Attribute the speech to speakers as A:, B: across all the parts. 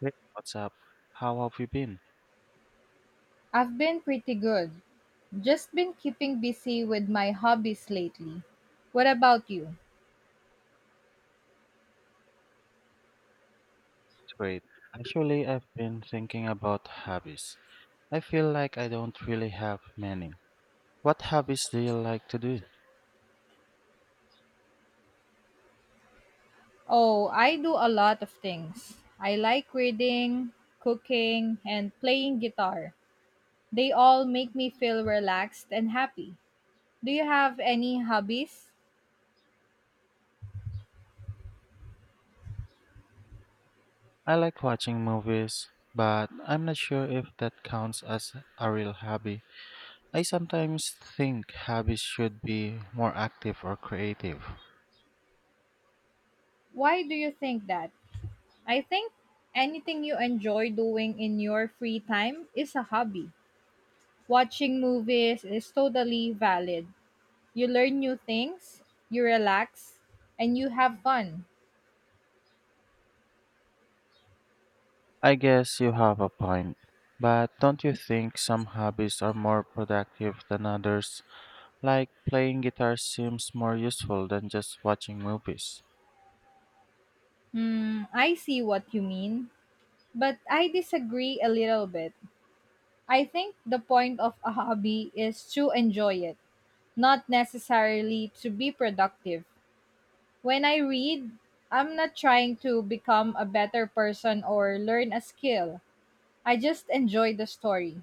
A: Hey, what's up? How have you been?
B: I've been pretty good. Just been keeping busy with my hobbies lately. What about you?
A: It's great. Actually, I've been thinking about hobbies. I feel like I don't really have many. What hobbies do you like to do?
B: Oh, I do a lot of things. I like reading, cooking, and playing guitar. They all make me feel relaxed and happy. Do you have any hobbies?
A: I like watching movies, but I'm not sure if that counts as a real hobby. I sometimes think hobbies should be more active or creative.
B: Why do you think that? I think anything you enjoy doing in your free time is a hobby. Watching movies is totally valid. You learn new things, you relax, and you have fun.
A: I guess you have a point. But don't you think some hobbies are more productive than others? Like playing guitar seems more useful than just watching movies.
B: Hmm, I see what you mean, but I disagree a little bit. I think the point of a hobby is to enjoy it, not necessarily to be productive. When I read, I'm not trying to become a better person or learn a skill. I just enjoy the story.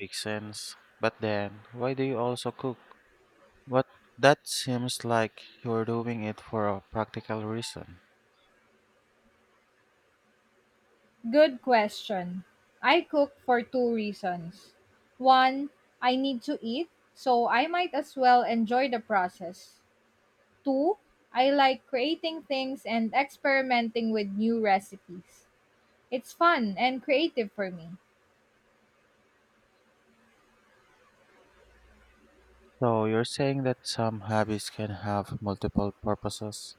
A: Makes sense. But then, why do you also cook? What That seems like you're doing it for a practical reason.
B: Good question. I cook for two reasons. One, I need to eat, so I might as well enjoy the process. Two, I like creating things and experimenting with new recipes. It's fun and creative for me.
A: So you're saying that some hobbies can have multiple purposes?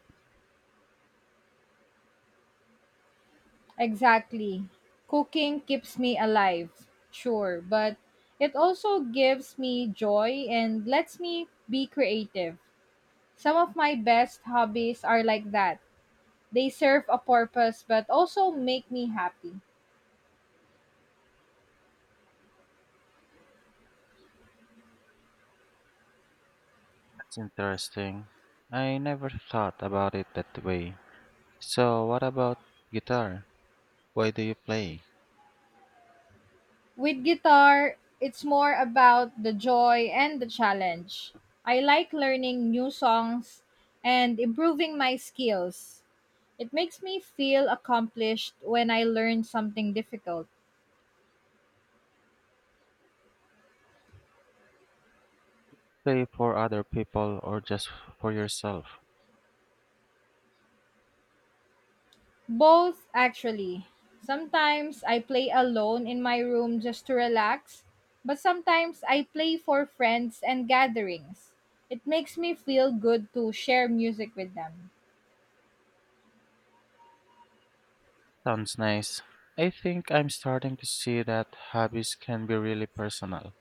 B: Exactly. Cooking keeps me alive, sure, but it also gives me joy and lets me be creative. Some of my best hobbies are like that. They serve a purpose but also make me happy.
A: That's interesting. I never thought about it that way. So what about guitar? Why do you play?
B: With guitar, it's more about the joy and the challenge. I like learning new songs and improving my skills. It makes me feel accomplished when I learn something difficult.
A: Play for other people or just for yourself?
B: Both, actually. Sometimes I play alone in my room just to relax, but sometimes I play for friends and gatherings. It makes me feel good to share music with them.
A: Sounds nice. I think I'm starting to see that hobbies can be really personal.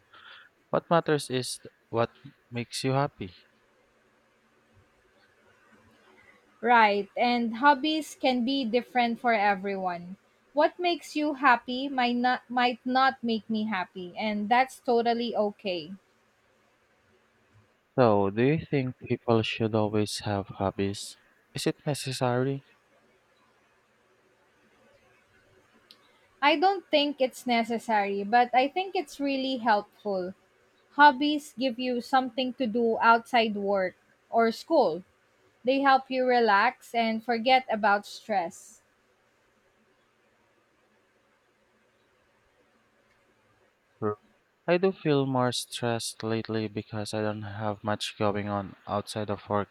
A: What matters is what makes you happy.
B: Right, and hobbies can be different for everyone. What makes you happy might not make me happy, and that's totally okay.
A: So, do you think people should always have hobbies? Is it necessary?
B: I don't think it's necessary, but I think it's really helpful. Hobbies give you something to do outside work or school. They help you relax and forget about stress.
A: Sure. I do feel more stressed lately because I don't have much going on outside of work.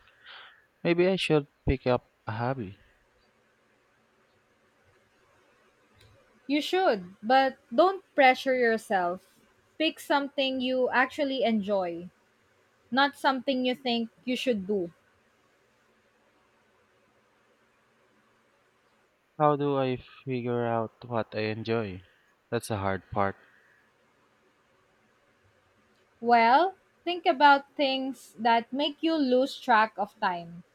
A: Maybe I should pick up a hobby.
B: You should, but don't pressure yourself. Pick something you actually enjoy, not something you think you should do.
A: How do I figure out what I enjoy? That's the hard part.
B: Well, think about things that make you lose track of time.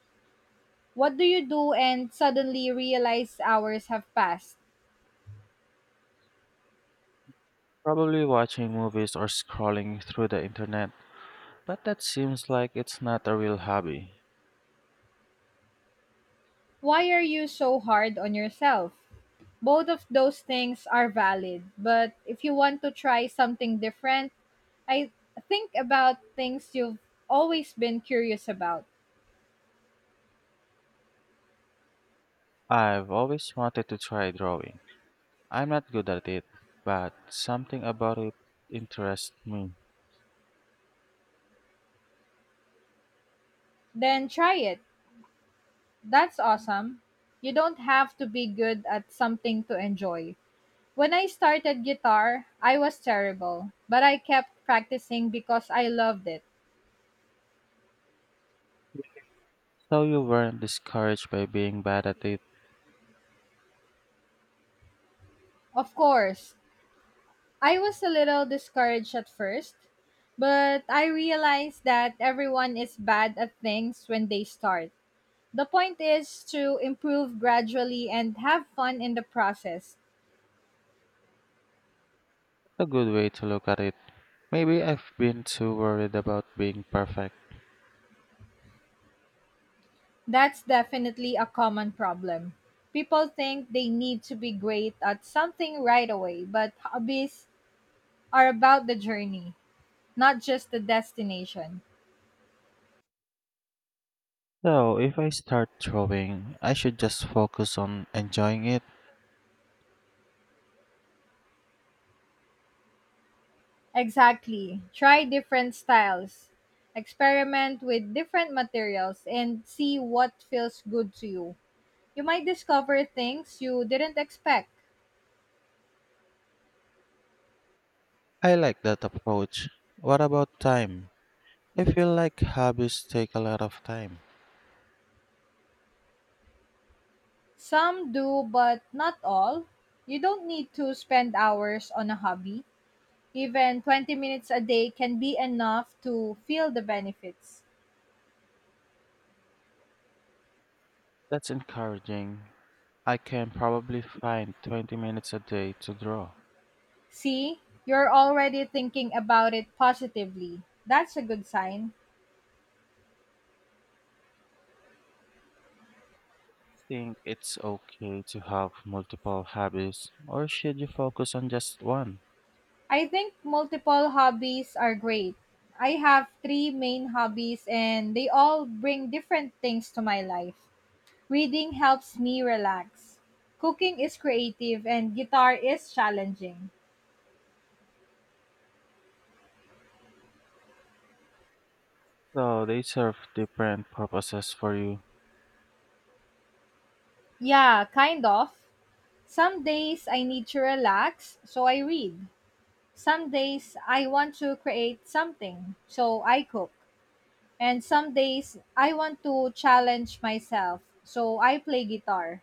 B: What do you do and suddenly realize hours have passed?
A: Probably watching movies or scrolling through the internet. But that seems like it's not a real hobby.
B: Why are you so hard on yourself? Both of those things are valid, but if you want to try something different, I think about things you've always been curious about.
A: I've always wanted to try drawing. I'm not good at it, but something about it interests me.
B: Then try it. That's awesome. You don't have to be good at something to enjoy. When I started guitar, I was terrible, but I kept practicing because I loved it.
A: So you weren't discouraged by being bad at it.
B: Of course, I was a little discouraged at first, but I realized that everyone is bad at things when they start. The point is to improve gradually and have fun in the process.
A: A good way to look at it. Maybe I've been too worried about being perfect.
B: That's definitely a common problem. People think they need to be great at something right away, but hobbies are about the journey, not just the destination.
A: So if I start drawing, I should just focus on enjoying it.
B: Exactly. Try different styles, experiment with different materials, and see what feels good to you. You might discover things you didn't expect.
A: I like that approach. What about time? I feel like hobbies take a lot of time.
B: Some do, but not all. You don't need to spend hours on a hobby. Even 20 minutes a day can be enough to feel the benefits.
A: That's encouraging. I can probably find 20 minutes a day to draw.
B: See, you're already thinking about it positively. That's a good sign.
A: Think it's okay to have multiple hobbies, or should you focus on just one?
B: I think multiple hobbies are great. I have three main hobbies and they all bring different things to my life. Reading helps me relax. Cooking is creative and guitar is challenging.
A: So they serve different purposes for you.
B: Yeah, kind of. Some days I need to relax, so I read. Some days I want to create something, so I cook. And some days I want to challenge myself, so I play guitar.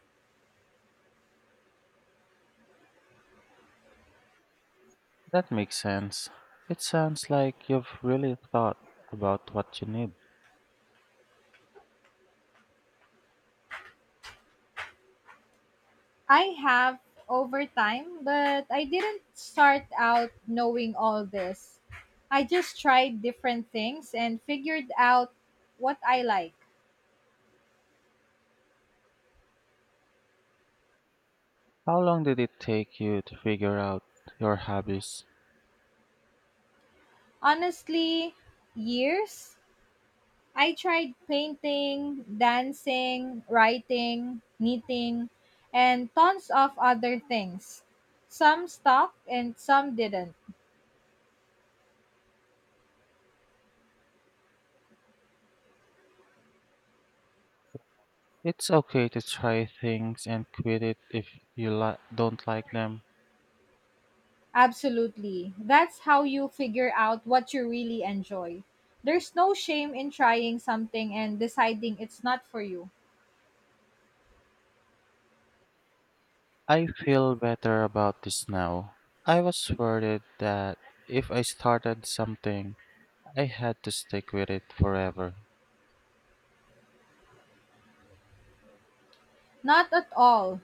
A: That makes sense. It sounds like you've really thought about what you need.
B: I have over time, but I didn't start out knowing all this. I just tried different things and figured out what I like.
A: How long did it take you to figure out your hobbies?
B: Honestly, years. I tried painting, dancing, writing, knitting, and tons of other things. Some stuck and some didn't.
A: It's okay to try things and quit it if don't like them.
B: Absolutely. That's how you figure out what you really enjoy. There's no shame in trying something and deciding it's not for you.
A: I feel better about this now. I was worried that if I started something, I had to stick with it forever.
B: Not at all.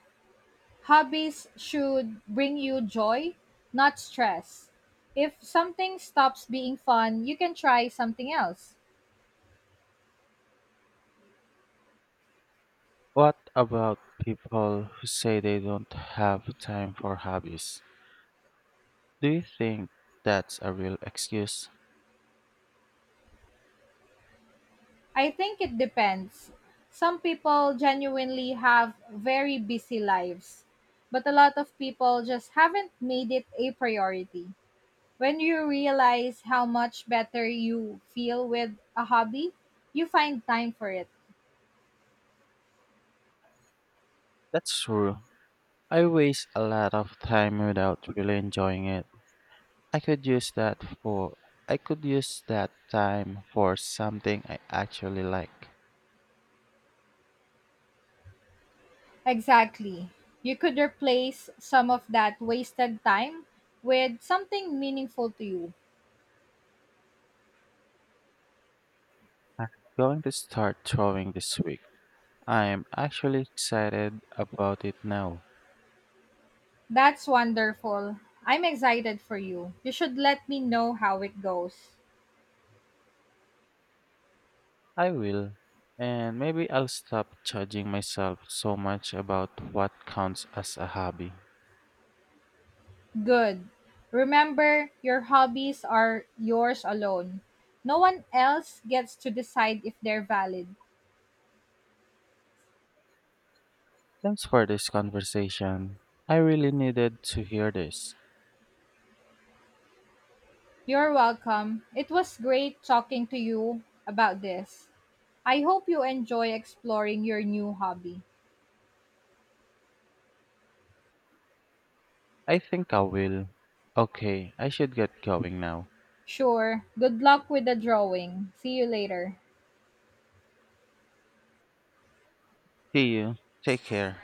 B: Hobbies should bring you joy, not stress. If something stops being fun, you can try something else.
A: What about people who say they don't have time for hobbies? Do you think that's a real excuse?
B: I think it depends. Some people genuinely have very busy lives, but a lot of people just haven't made it a priority. When you realize how much better you feel with a hobby, you find time for it.
A: That's true. I waste a lot of time without really enjoying it. I could use that for I could use that time for something I actually like.
B: Exactly. You could replace some of that wasted time with something meaningful to you.
A: I'm going to start drawing this week. I'm actually excited about it now.
B: That's wonderful. I'm excited for you. You should let me know how it goes.
A: I will. And maybe I'll stop judging myself so much about what counts as a hobby.
B: Good. Remember, your hobbies are yours alone. No one else gets to decide if they're valid.
A: Thanks for this conversation. I really needed to hear this.
B: You're welcome. It was great talking to you about this. I hope you enjoy exploring your new hobby.
A: I think I will. Okay, I should get going now.
B: Sure. Good luck with the drawing. See you later.
A: See you. Take care.